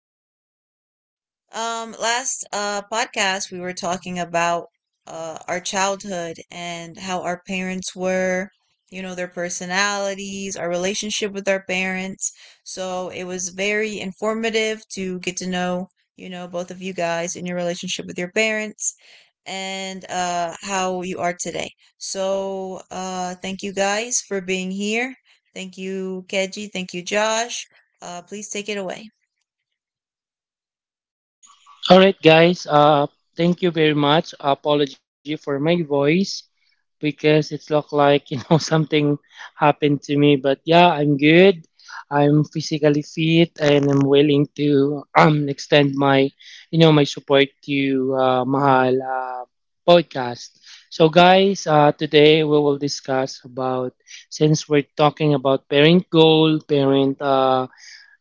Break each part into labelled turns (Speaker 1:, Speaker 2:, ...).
Speaker 1: Last podcast, we were talking about our childhood and how our parents were, you know, their personalities, our relationship with our parents. So it was very informative to get to know, you know, both of you guys and your relationship with your parents and how you are today. So thank you guys for being here. Thank you, Keji. Thank you, Josh. Please take it away.
Speaker 2: All right, guys. Thank you very much. Apology for my voice because it looked like something happened to me. But yeah, I'm good. I'm physically fit and I'm willing to extend my you know my support to Mahal podcast. So guys, today we will discuss about, since we're talking about parent goal, parent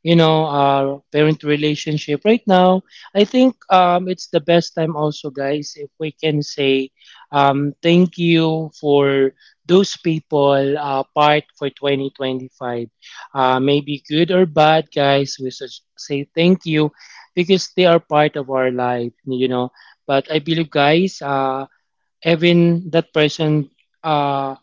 Speaker 2: you know parent relationship right now. I think it's the best time also, guys, if we can say thank you for those people part for 2025. Maybe good or bad, guys, we should say thank you because they are part of our life. But I believe guys even that person uh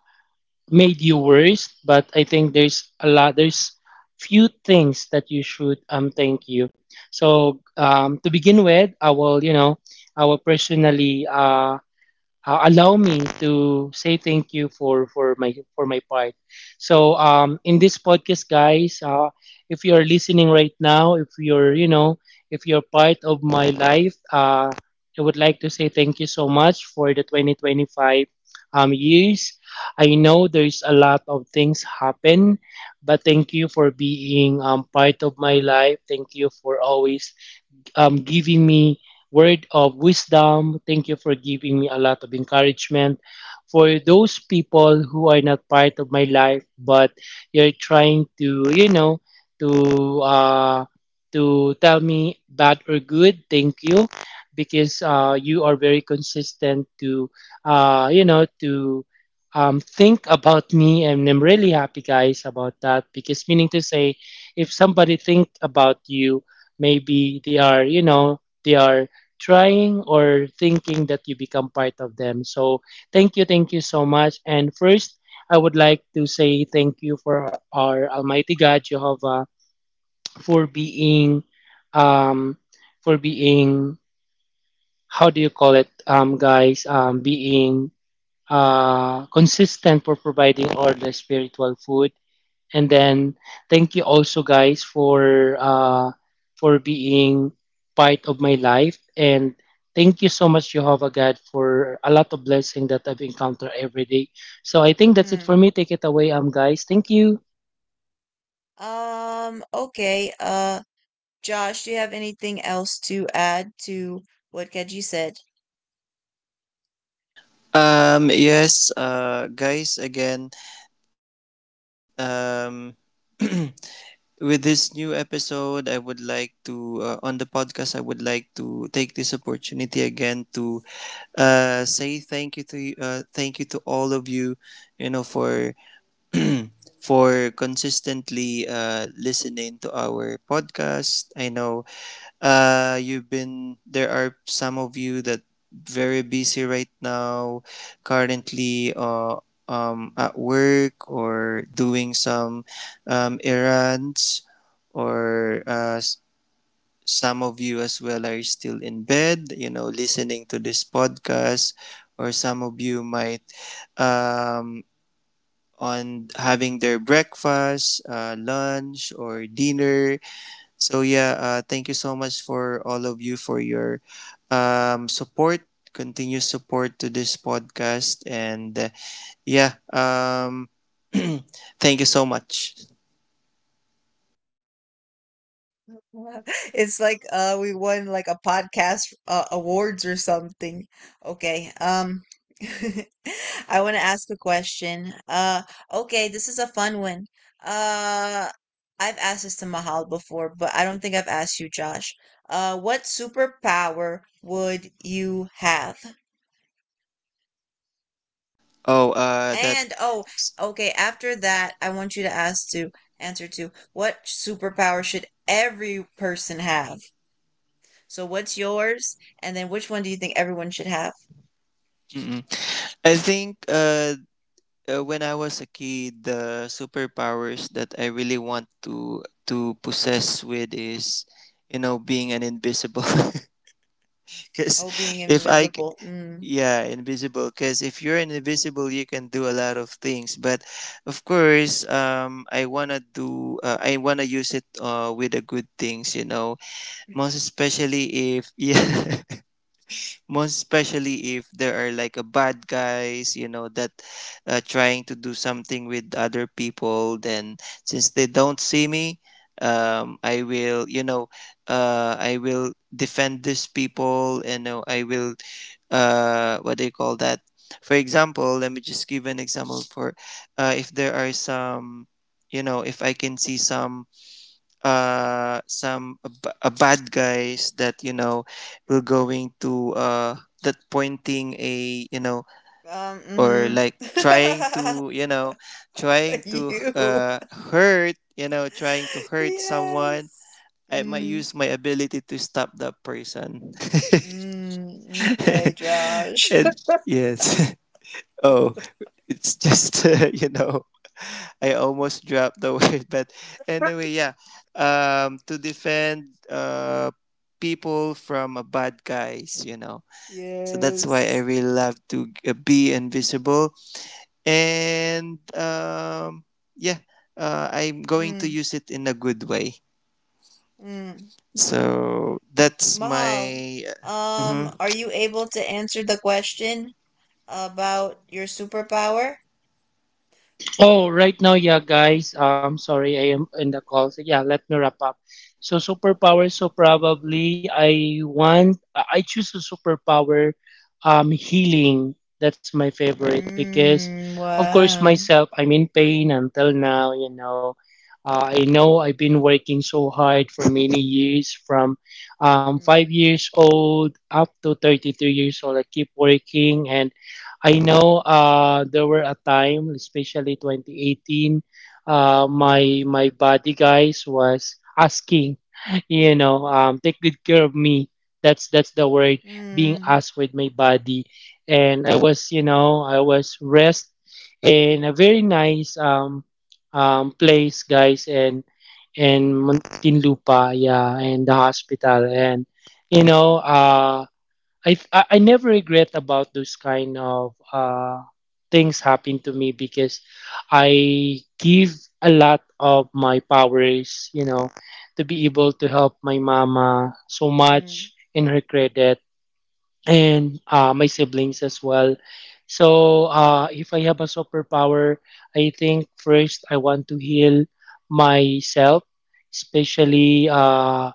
Speaker 2: made you worse, but I think there's a lot, there's few things that you should thank you. So to begin with, I will personally allow me to say thank you for my part. So in this podcast, guys, if you are listening right now, if you're part of my life, I would like to say thank you so much for the 2025 years. I know there's a lot of things happen, but thank you for being part of my life. Thank you for always giving me word of wisdom. Thank you for giving me a lot of encouragement. For those people who are not part of my life, but you're trying to, you know, to uh, to tell me bad or good, thank you, because you are very consistent to think about me, and I'm really happy, guys, about that. Because meaning to say, if somebody think about you, maybe they are trying or thinking that you become part of them, so thank you, thank you so much. And first, I would like to say thank you for our almighty God Jehovah for um being, how do you call it, guys being consistent for providing all the spiritual food. And then thank you also, guys, for being part of my life, and thank you so much, Jehovah God, for a lot of blessing that I've encountered every day. So I think that's it for
Speaker 1: Mm.
Speaker 2: me. Take it away, guys. Thank you.
Speaker 1: Okay. Josh, do you have anything else to add to what Keji said?
Speaker 3: Yes, guys, again, um, with this new episode, I would like to, on the podcast, I would like to take this opportunity again to say thank you to all of you, for for consistently listening to our podcast. I know you've been there are some of you that very busy right now, currently, at work or doing some errands, or some of you as well are still in bed, you know, listening to this podcast, or some of you might um, on having their breakfast, lunch, or dinner. So yeah, thank you so much for all of you for your support, continuous support to this podcast, and yeah, thank you so much.
Speaker 1: It's like we won like a podcast awards or something. Okay. I want to ask a question. Okay, this is a fun one. Uh I've asked this to Mahal before, but I don't think I've asked you, Josh. What superpower would you have?
Speaker 3: Oh, that.
Speaker 1: And oh, okay, after that, I want you to ask to answer to what superpower should every person have? So what's yours? And then which one do you think everyone should have?
Speaker 3: Mm-mm. I think, when I was a kid, the superpowers that I really want to possess with is, you know, being an invisible. Because
Speaker 1: Oh, being
Speaker 3: if I,
Speaker 1: invisible. Mm.
Speaker 3: yeah, invisible, because if you're invisible you can do a lot of things, but of course, I want to use it with the good things, you know. Most especially if yeah, most especially if there are like a bad guys, you know, that trying to do something with other people, then since they don't see me, I will, you know, I will defend these people and know I will, what do you call that, for example, let me just give an example for, if there are some, you know, if I can see some a bad guys that, you know, will going to that pointing a, you know,
Speaker 1: Um,
Speaker 3: or like trying
Speaker 1: mm-hmm.
Speaker 3: to, you know, trying to
Speaker 1: You.
Speaker 3: hurt, you know, trying to hurt someone.
Speaker 1: Yes.
Speaker 3: I might
Speaker 1: Mm.
Speaker 3: use my ability to stop that person.
Speaker 1: Mm. Okay, Josh.
Speaker 3: And yes. Oh, it's just you know, I almost dropped the word, but anyway, yeah. To defend people from a bad guys, you know. So that's why I
Speaker 1: Yes.
Speaker 3: really love to be invisible. And yeah, I'm going to
Speaker 1: Mm.
Speaker 3: use it in a good way.
Speaker 1: Mm.
Speaker 3: So that's
Speaker 1: Mahal,
Speaker 3: my... Mhm.
Speaker 1: are you able to answer the question? About your superpower?
Speaker 2: Oh, right now, yeah, guys. Sorry, I am in the call. So yeah, let me wrap up. So superpower. So probably I want. I choose a superpower. Healing. That's my favorite because,
Speaker 1: Mm,
Speaker 2: of course,
Speaker 1: wow.
Speaker 2: myself. I'm in pain until now. I know I've been working so hard for many years, from
Speaker 1: Mm,
Speaker 2: 5 years old up to 33 years old. I keep working, and I know there were a time, especially 2018, my body, guys, was asking, take good care of me. That's the word being
Speaker 1: mm,
Speaker 2: asked with my body, and I was rest in a very nice place, guys, and Muntinlupa, yeah, and the hospital, and you know, uh, I never regret about those kind of things happen to me because I give a lot of my powers, you know, to be able to help my mama so
Speaker 1: mm,
Speaker 2: much in her credit and my siblings as well. So if I have a superpower, I think first I want to heal myself, especially uh,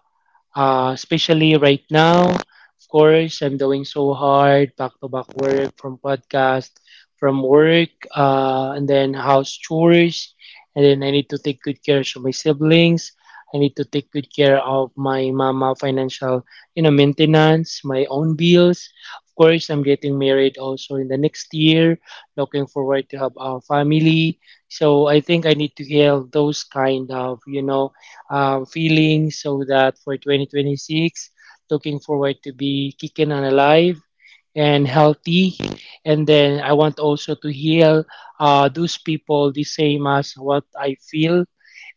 Speaker 2: uh, especially right now. Of course, I'm doing so hard, back to back work from podcast, from work, and then house chores. And then I need to take good care of my siblings. I need to take good care of my mama financial, maintenance, my own bills. Of course, I'm getting married also in the next year, looking forward to have a family. So I think I need to heal those kind of, feeling so that for 2026 looking forward to be kicking and alive and healthy. And then I want also to heal those people the same as what I feel.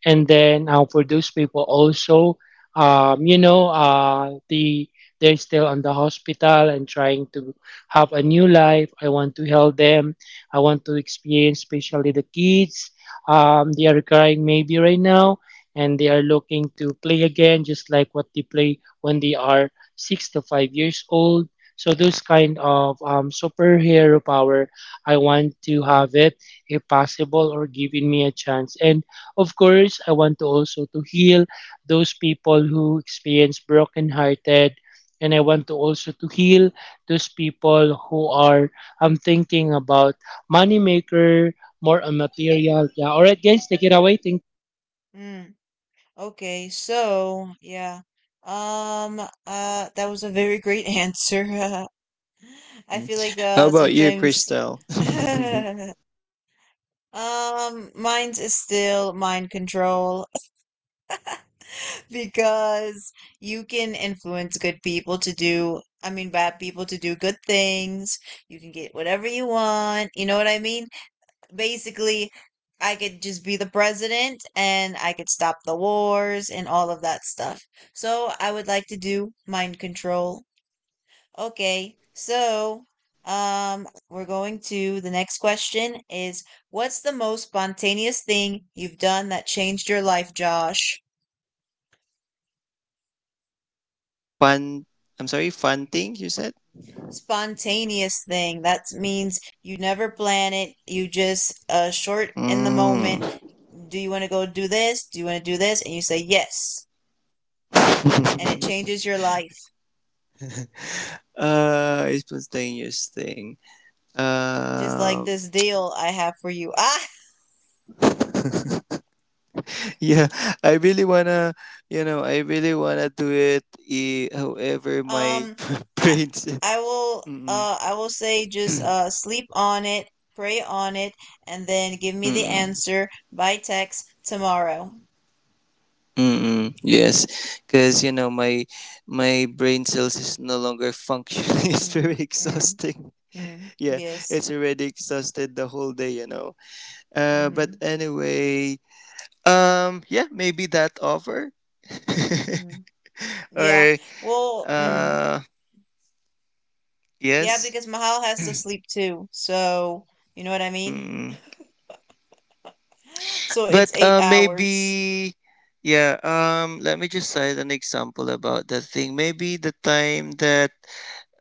Speaker 2: And then for those people also, um, you know uh, the they're still on the hospital and trying to have a new life. I want to help them. I want to experience, especially the kids, they are crying maybe right now, and they are looking to play again, just like what they play when they are 6 to 5 years old. So those kind of superhero power I want to have it, if possible or giving me a chance. And of course, I want to also to heal those people who experience brokenhearted, and I want to also to heal those people who are, I'm thinking about, moneymaker, more on material. Yeah. All right, guys, take it away. Thank.
Speaker 1: mm. Okay, so yeah. Um, that was a very great answer. I
Speaker 3: Mm.
Speaker 1: feel like
Speaker 3: How about you,
Speaker 1: sometimes
Speaker 3: Crystal?
Speaker 1: um mine's is still mind control, because you can influence good people to do I mean, bad people to do good things. You can get whatever you want. You know what I mean? Basically I could just be the president and I could stop the wars and all of that stuff. So I would like to do mind control. Okay. So, um, we're going to the next question is, what's the most spontaneous thing you've done that changed your life, Josh?
Speaker 3: A fun, I'm sorry, fun thing you said.
Speaker 1: Spontaneous thing. That means you never plan it. You just short in the
Speaker 3: Mm.
Speaker 1: moment. Do you want to go do this? Do you want to do this? And you say yes. And it changes your life.
Speaker 3: It's spontaneous thing.
Speaker 1: Just like
Speaker 3: Um,
Speaker 1: this deal I have for you. Ah,
Speaker 3: yeah, I really wanna, you know, I really wanna do it. Eh, however, my
Speaker 1: um, I
Speaker 3: brain said,
Speaker 1: I will
Speaker 3: mm-mm,
Speaker 1: I will say just sleep on it, pray on it, and then give me the
Speaker 3: mm-mm,
Speaker 1: answer by text tomorrow.
Speaker 3: mm-mm. Yes, because you know my brain cells is no longer functioning. It's very
Speaker 1: Mm, mm,
Speaker 3: exhausting.
Speaker 1: mm,
Speaker 3: Yeah,
Speaker 1: yes.
Speaker 3: it's already exhausted the whole day, you know. But
Speaker 1: Mm-hmm.
Speaker 3: anyway, yeah, maybe that offer.
Speaker 1: Mm-hmm. Yeah.
Speaker 3: Or
Speaker 1: Well, mm,
Speaker 3: uh
Speaker 1: yeah,
Speaker 3: yes.
Speaker 1: because Mahal has to sleep too. So, you know what I mean?
Speaker 3: Mm.
Speaker 1: So it's
Speaker 3: But
Speaker 1: eight hours.
Speaker 3: maybe, yeah, let me just cite an example about that thing, maybe the time that,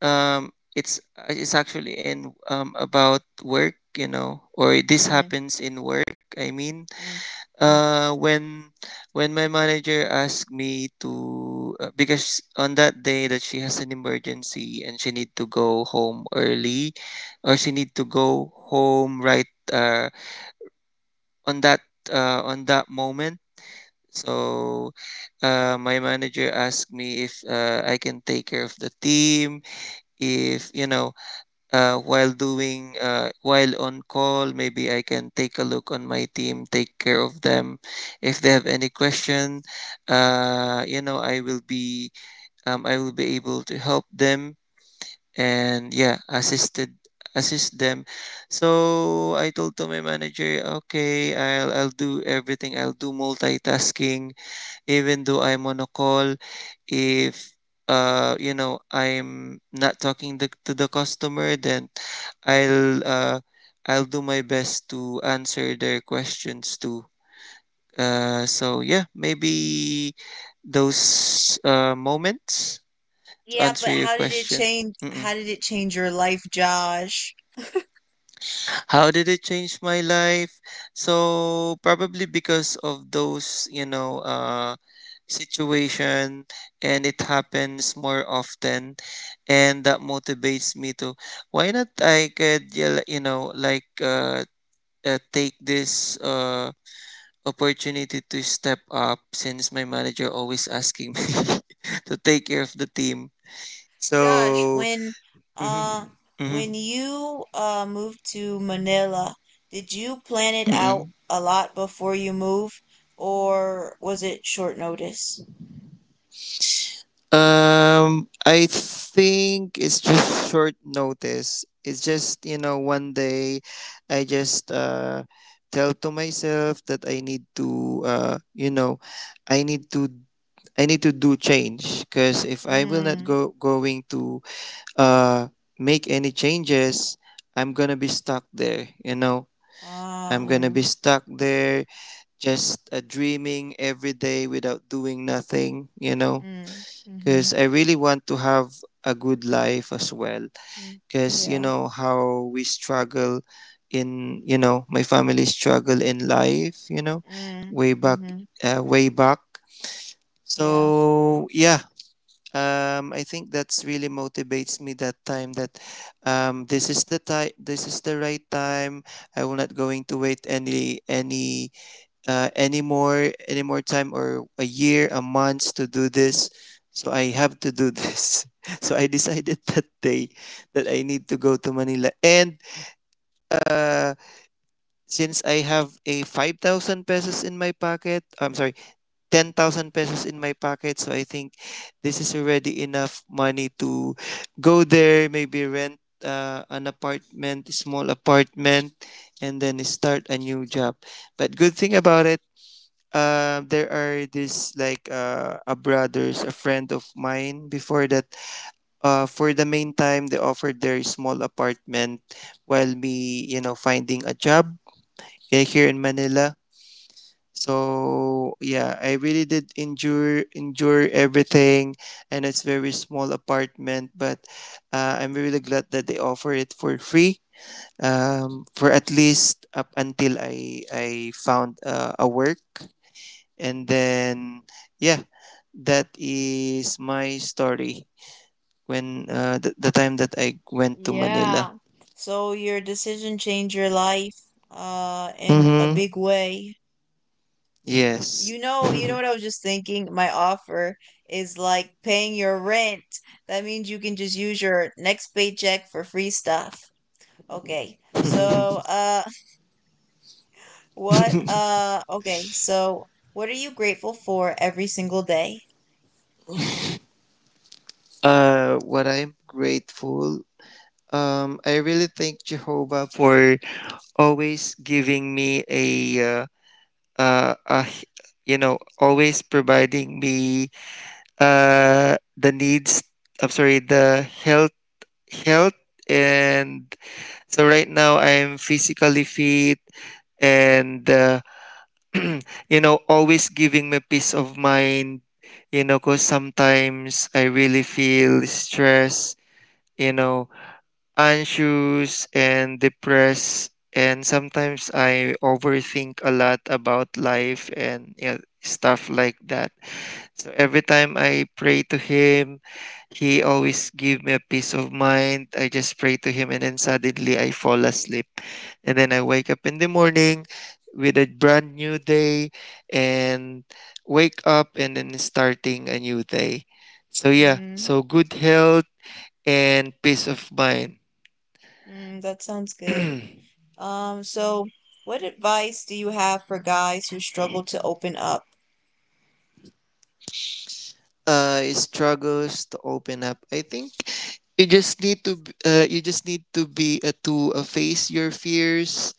Speaker 3: it's, it's actually in, about work, you know, or this
Speaker 1: Mm,
Speaker 3: happens in work, I mean.
Speaker 1: mm, mm.
Speaker 3: When my manager asked me to, because on that day that she has an emergency and she need to go home early or she need to go home right, on that moment. So my manager asked me if, I can take care of the team if, you know, while doing, while on call maybe I can take a look on my team, take care of them if they have any question. You know, I will be, I will be able to help them. And yeah, assisted assist them. So I told to my manager, okay, I'll do everything, I'll do multitasking even though I'm on a call, if you know, I'm not talking the, to the customer, then I'll uh I'll do my best to answer their questions too. So yeah, maybe those moments to
Speaker 1: Yeah,
Speaker 3: answer
Speaker 1: but
Speaker 3: your
Speaker 1: how did it
Speaker 3: question.
Speaker 1: change how
Speaker 3: Mm-mm.
Speaker 1: did it change your life, Josh?
Speaker 3: How did it change my life? So probably because of those, you know, situation, and it happens more often, and that motivates me to. Why not? I could, yeah, you know, like, take this opportunity to step up since my manager always asking me to take care of the team.
Speaker 1: Josh,
Speaker 3: So. Mm-hmm,
Speaker 1: uh
Speaker 3: mm-hmm,
Speaker 1: when you moved to Manila, did you plan it
Speaker 3: mm-hmm.
Speaker 1: out a lot before you moved, or was it short notice?
Speaker 3: I think it's just short notice. It's just, you know, one day I just tell to myself that I need to, uh you know, I need to do change, because if I will not
Speaker 1: Mm.
Speaker 3: go going to uh make any changes, I'm going to be stuck there, you know.
Speaker 1: Ah,
Speaker 3: I'm going to be
Speaker 1: mm,
Speaker 3: stuck there just dreaming every day without doing nothing, you know,
Speaker 1: mm, mm-hmm,
Speaker 3: because I really want to have a good life as well.
Speaker 1: mm,
Speaker 3: Because you
Speaker 1: yeah,
Speaker 3: know how we struggle in, you know, my family struggle in life. You know,
Speaker 1: mm,
Speaker 3: way back,
Speaker 1: mm-hmm,
Speaker 3: way back.
Speaker 1: yeah,
Speaker 3: So yeah, I think that's really motivates me that time that, this is the time, this is the right time. I will not going to wait any, any more time or a year a month to do this. So I have to do this so I decided that day that I need to go to Manila. And uh, since I have a 5,000 pesos in my pocket, I'm sorry, 10,000 pesos in my pocket. So I think this is already enough money to go there, maybe rent an apartment, small apartment, and then start a new job. But good thing about it, there are this like, a brothers, a friend of mine. Before that, for the meantime, they offered their small apartment while me, you know, finding a job, eh, here in Manila. So yeah, I really did endure everything, and it's very small apartment, but I'm really glad that they offer it for free. For at least up until I found a work, and then yeah, that is my story when, the time that I went to Manila.
Speaker 1: yeah. So your decision changed your life, in a
Speaker 3: Mm-hmm.
Speaker 1: big way.
Speaker 3: Yes.
Speaker 1: You know what I was just thinking? My offer is like paying your rent. That means you can just use your next paycheck for free stuff. Okay. So, so, what are you grateful for every single day?
Speaker 3: What I'm grateful. I really thank Jehovah for always giving me a, uh, uh, a h- you know, always providing me the needs. I'm sorry, the health. And so right now I'm physically fit. And you know, always giving me peace of mind, you know, because sometimes I really feel stress, you know, anxious and depressed, and sometimes I overthink a lot about life, and yeah, stuff like that. So every time I pray to him, he always give me a peace of mind. I just pray to him and then suddenly I fall asleep and then I wake up in the morning with a brand new day. And wake up and then starting a new day. So yeah,
Speaker 1: Hmm.
Speaker 3: so good health and peace of mind.
Speaker 1: Mm, that sounds good. So what advice do you have for guys who struggle to open up?
Speaker 3: Struggles to open up, I think you just need to, you just need to be, to face your fears,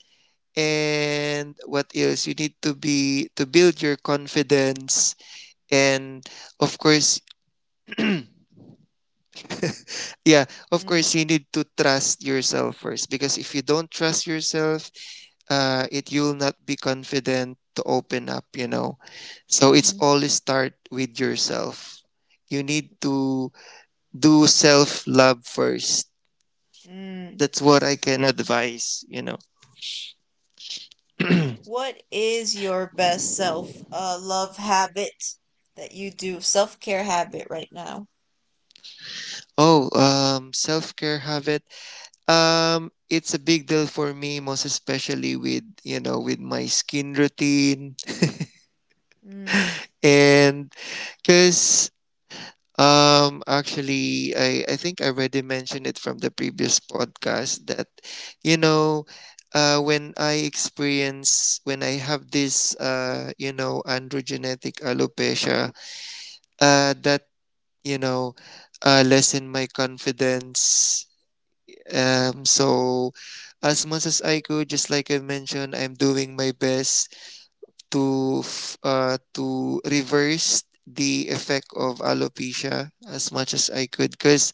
Speaker 3: and what else, you need to be to build your confidence. And of course, yeah, of
Speaker 1: Mm,
Speaker 3: course, you need to trust yourself first, because if you don't trust yourself, it, you'll not be confident to open up, you know. So it's always start with yourself. You need to do self love first.
Speaker 1: mm-hmm.
Speaker 3: That's what I can advise, you know.
Speaker 1: What is your best self love habit that you do, self care habit right now?
Speaker 3: Oh, self care habit. It's a big deal for me, most especially with, you know, with my skin routine,
Speaker 1: Mm,
Speaker 3: and because, actually, I think I already mentioned it from the previous podcast that, you know, when I experience when I have this, you know, androgenetic alopecia, that, you know, lessen my confidence. So, as much as I could, just like I mentioned, I'm doing my best to, to reverse the effect of alopecia as much as I could, because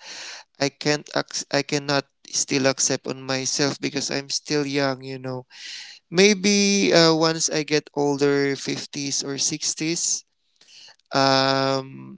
Speaker 3: I can't, I cannot still accept on myself because I'm still young. You know, maybe once I get older, fifties or sixties, um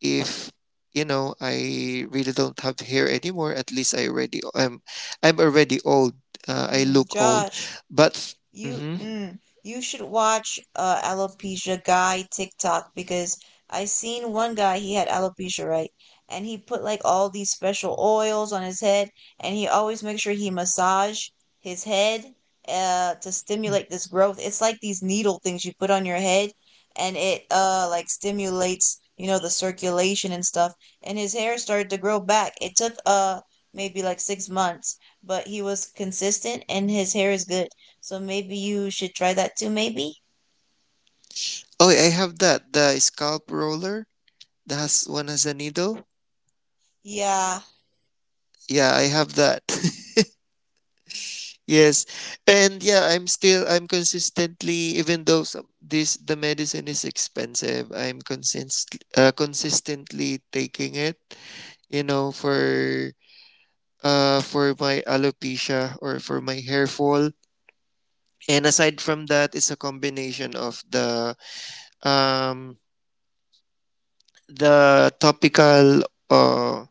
Speaker 3: if, you know, I really don't have hair anymore, at least I'm already old. I
Speaker 1: mm,
Speaker 3: look old,
Speaker 1: Josh,
Speaker 3: but
Speaker 1: you
Speaker 3: mhm.
Speaker 1: mm, you should watch alopecia guy TikTok because I seen one guy he had alopecia, right? And he put like all these special oils on his head, and he always makes sure he massage his head to stimulate this growth. It's like these needle things you put on your head and it like stimulates, you know, the circulation and stuff. And his hair started to grow back. It took maybe like 6 months, but he was consistent and his hair is good. So maybe you should try that too, maybe?
Speaker 3: Oh, I have that, the scalp roller that has one, has a needle.
Speaker 1: Yeah.
Speaker 3: Yeah, I have that. Yes, and yeah, I'm still I'm consistently, even though some, this the medicine is expensive, I'm consistently taking it. You know, for my alopecia or for my hair fall. And aside from that, it's a combination of the, um, the topical uh,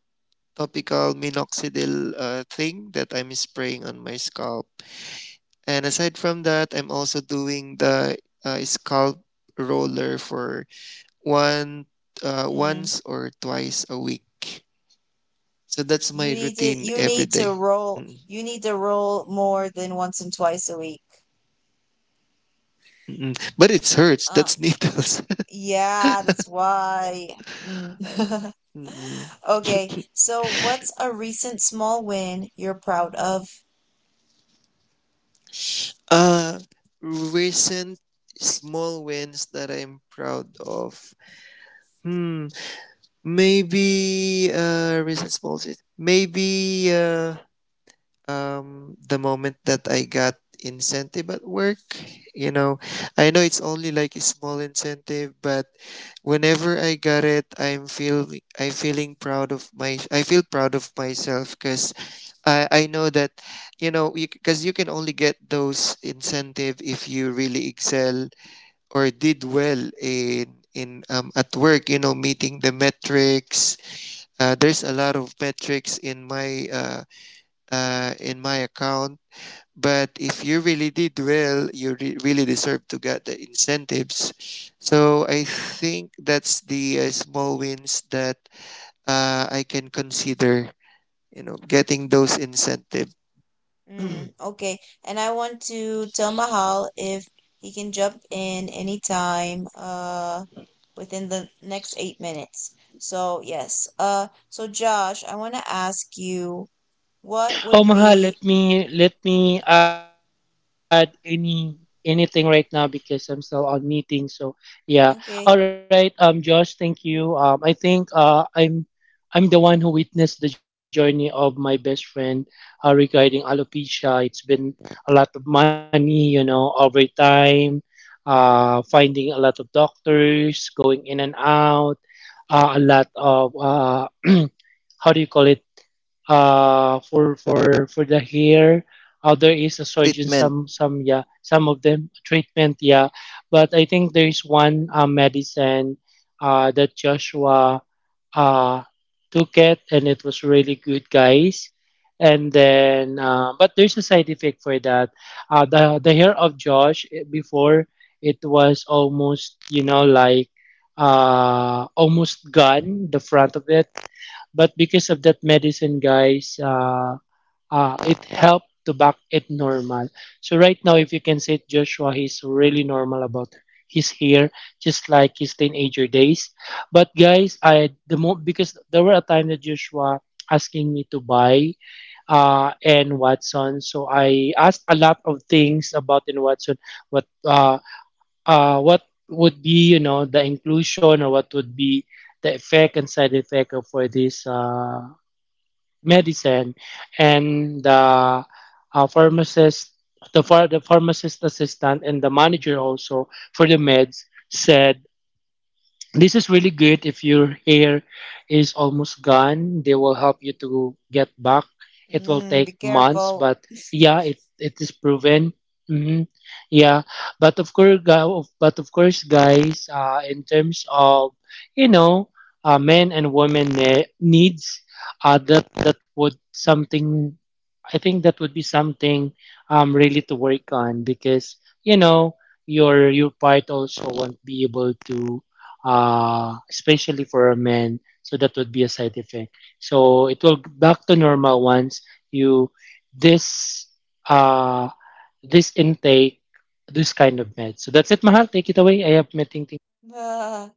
Speaker 3: topical minoxidil thing that I'm spraying on my scalp. And aside from that, I'm also doing the scalp roller for one
Speaker 1: Mm.
Speaker 3: once or twice a week. So that's my routine
Speaker 1: You
Speaker 3: every
Speaker 1: need
Speaker 3: day.
Speaker 1: to roll
Speaker 3: Mm,
Speaker 1: you need to roll more than once and twice a week.
Speaker 3: mm, mm. But it hurts.
Speaker 1: Uh
Speaker 3: That's needles.
Speaker 1: yeah, that's why. Mm. Okay. So what's a recent small win you're proud of?
Speaker 3: Uh recent small wins that I'm proud of. Hmm. Maybe recent small wins. Maybe the moment that I got incentive at work. You know, I know it's only like a small incentive, but whenever I got it, I'm feel I feeling proud of my I feel proud of myself because I know that, you know, because you can only get those incentive if you really excel or did well in, at work, you know, meeting the metrics. There's a lot of metrics in my, in my account. But if you really did well, you really deserve to get the incentives. So I think that's the small wins that, I can consider, you know, getting those incentive.
Speaker 1: Mm, okay. And I want to tell Mahal if he can jump in anytime. Within the next 8 minutes. So yes. So Josh, I want to ask you what would be
Speaker 2: Oh, Maha, let me add anything right now because I'm still on meeting. So yeah,
Speaker 1: okay.
Speaker 2: all right. Josh, thank you. I think I'm the one who witnessed the journey of my best friend regarding alopecia. It's been a lot of money, you know, over time. Finding a lot of doctors, going in and out, a lot of how do you call it, for the hair. There is a surgeon,
Speaker 3: Treatment.
Speaker 2: some yeah, some of them treatment, yeah. But I think there is one medicine that Joshua uh took it, and it was really good, guys. And then but there's a side effect for that. The hair of Josh, before, it was almost, you know, like, almost gone the front of it. But because of that medicine, guys, it helped to back it normal. So right now, if you can see it, Joshua, he's really normal about his hair, just like his teenager days. But guys, I the mo because there were a time that Joshua asking me to buy and Watson, so I asked a lot of things about in Watson, what uh what would be, you know, the inclusion, or what would be the effect and side effect of for this medicine. And the pharmacist, the, ph- the pharmacist assistant and the manager also for the meds said this is really good. If your hair is almost gone, they will help you to get back. It will
Speaker 1: Mm, be
Speaker 2: take months,
Speaker 1: careful.
Speaker 2: but yeah, it is proven. Hmm. Yeah, but of course, but of course, guys, in terms of, you know, men and women needs, that would something. I think that would be something really to work on because, your part also won't be able to, especially for men. So that would be a side effect. So it will back to normal once you this, uh, this intake this kind of meds. So that's it, Mahal. Take it away. I have my ting.
Speaker 1: Ah,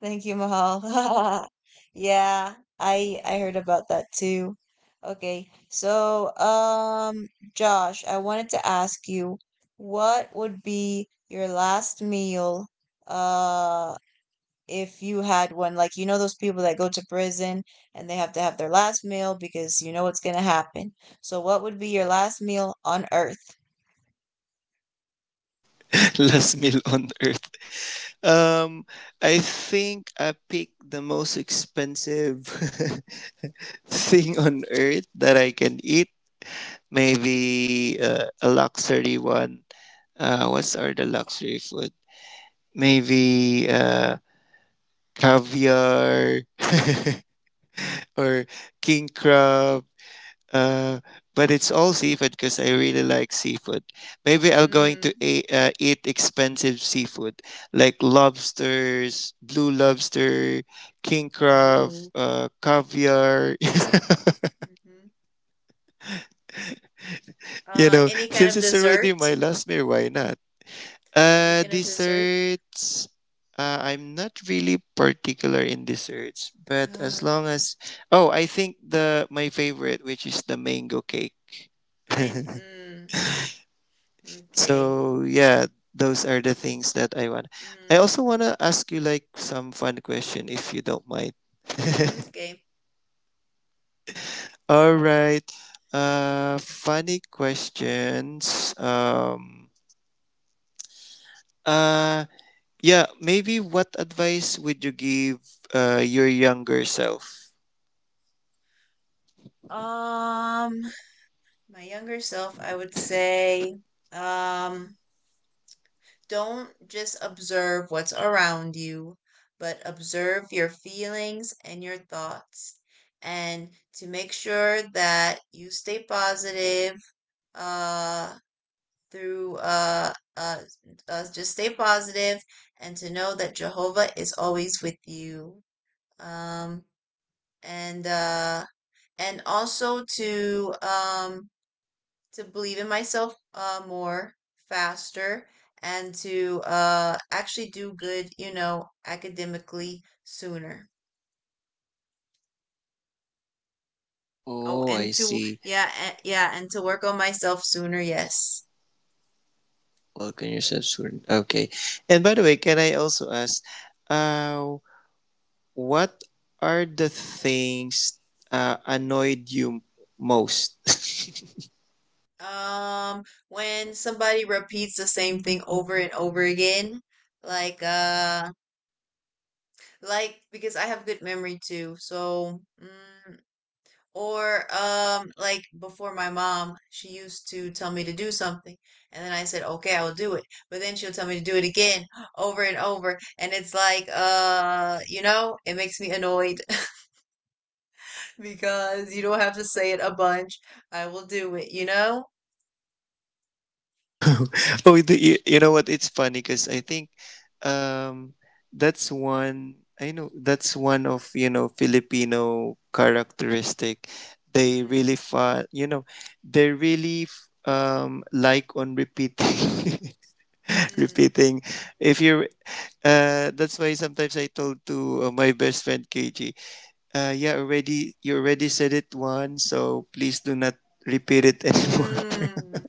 Speaker 1: thank you, Mahal. Yeah, I heard about that too. Okay, so Josh, I wanted to ask you, what would be your last meal? Uh. If you had one, like you know those people that go to prison and they have to have their last meal because you know what's going to happen. So what would be your last meal on earth?
Speaker 3: Last meal on earth. Um, I think I picked the most expensive thing on earth that I can eat. Maybe a luxury one. What's are the luxury food? Maybe caviar or king crab. Uh, but it's all seafood because I really like seafood. Maybe I'm going to
Speaker 1: Mm.
Speaker 3: eat expensive seafood like lobsters, blue lobster, king crab,
Speaker 1: Oh.
Speaker 3: caviar.
Speaker 1: Hmm.
Speaker 3: You know,
Speaker 1: Any kind
Speaker 3: since
Speaker 1: of
Speaker 3: it's already
Speaker 1: dessert?
Speaker 3: my last meal, why not?
Speaker 1: Any kind of dessert?
Speaker 3: Desserts. I'm not really particular in desserts, but as
Speaker 1: Uh,
Speaker 3: long as, oh, I think the my favorite, which is the mango cake.
Speaker 1: I. Mm, okay.
Speaker 3: So yeah, those are the things that I want. I
Speaker 1: Mm,
Speaker 3: also want to ask you like some fun question if you don't mind.
Speaker 1: okay.
Speaker 3: All right. Funny questions. Uh yeah, maybe what advice would you give your younger self?
Speaker 1: Um, my younger self, I would say, um, don't just observe what's around you, but observe your feelings and your thoughts. And to make sure that you stay positive, uh, through, uh, uh, just stay positive and to know that Jehovah is always with you. Um, and, uh, and also to believe in myself more faster, and to actually do good, you know, academically sooner. Oh,
Speaker 3: Oh,
Speaker 1: and
Speaker 3: I
Speaker 1: to,
Speaker 3: see.
Speaker 1: yeah, and to work on myself sooner, yes.
Speaker 3: Welcome yourself soon. Okay. And by the way, can I also ask, uh what are the things annoyed you most?
Speaker 1: Um, when somebody repeats the same thing over and over again, like, uh, like, because I have good memory too, so mm, or like before my mom, she used to tell me to do something and then I said, "Okay, I will do it." But then she'll tell me to do it again over and over, and it's like you know, it makes me annoyed because you don't have to say it a bunch. I will do it, you know?
Speaker 3: Oh, the, you know what? It's funny because I think, um, that's one. I know that's one of, you know, Filipino characteristic. They really,
Speaker 1: Mm,
Speaker 3: you know, like on repeating,
Speaker 1: mm,
Speaker 3: repeating. If you're, that's why sometimes I told to, my best friend KJ. Yeah, already, you already said it once, so please do not repeat it anymore.
Speaker 1: mm.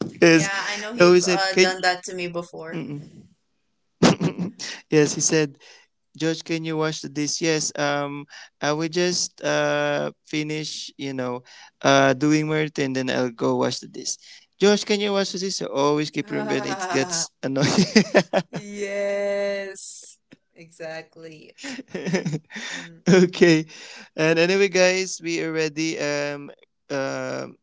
Speaker 3: Because
Speaker 1: Yeah, I know
Speaker 3: he
Speaker 1: he've
Speaker 3: always said, "Can."
Speaker 1: done that to me before.
Speaker 3: Mm-mm. Yes, he said, "George, can you wash the dish?" Yes. I will just finish, you know, doing Merton, and then I'll go wash the dish. "George, can you wash the dish?" So always keep remembering it.
Speaker 1: Ah,
Speaker 3: That's annoying.
Speaker 1: yes. Exactly. Mm.
Speaker 3: Okay. And anyway, guys, we already um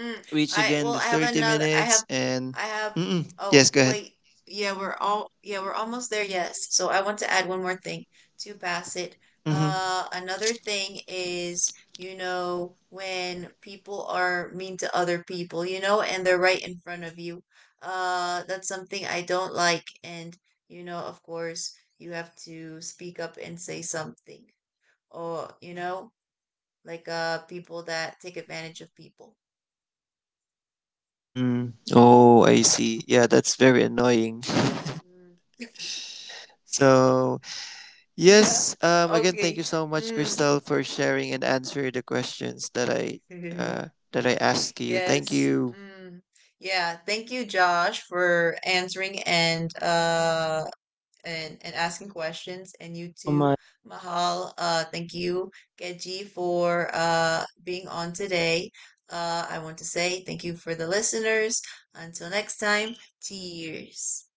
Speaker 1: Mm,
Speaker 3: reach
Speaker 1: I
Speaker 3: again the
Speaker 1: well, I have
Speaker 3: 30
Speaker 1: another. I have,
Speaker 3: minutes and
Speaker 1: I have.
Speaker 3: mm-mm. Yes,
Speaker 1: Oh,
Speaker 3: go ahead.
Speaker 1: wait. Yeah, we're all. Yeah, we're almost there. Yes. So I want to add one more thing to Bassett.
Speaker 3: Mm-hmm.
Speaker 1: Another thing is, you know, when people are mean to other people, you know, and they're right in front of you. That's something I don't like. And, you know, of course, you have to speak up and say something. Or, you know, like people that take advantage of people.
Speaker 3: Mm. Oh, I see, yeah, that's very annoying.
Speaker 1: Mm.
Speaker 3: So
Speaker 1: Yeah.
Speaker 3: yes, again, thank you
Speaker 1: Okay.
Speaker 3: so much,
Speaker 1: Mm.
Speaker 3: Crystal, for sharing and answering the questions that uh I asked you. Thank
Speaker 1: Yes.
Speaker 3: you.
Speaker 1: Mm. Yeah. Thank you, Josh, for answering and and
Speaker 2: Thank
Speaker 1: asking
Speaker 2: you,
Speaker 1: questions,
Speaker 2: everyone.
Speaker 1: and
Speaker 2: Thank
Speaker 1: you
Speaker 2: you so
Speaker 1: too,
Speaker 2: much.
Speaker 1: Mahal. Thank you, Keji, for being on today. I want to say thank you for the listeners. Until next time, cheers.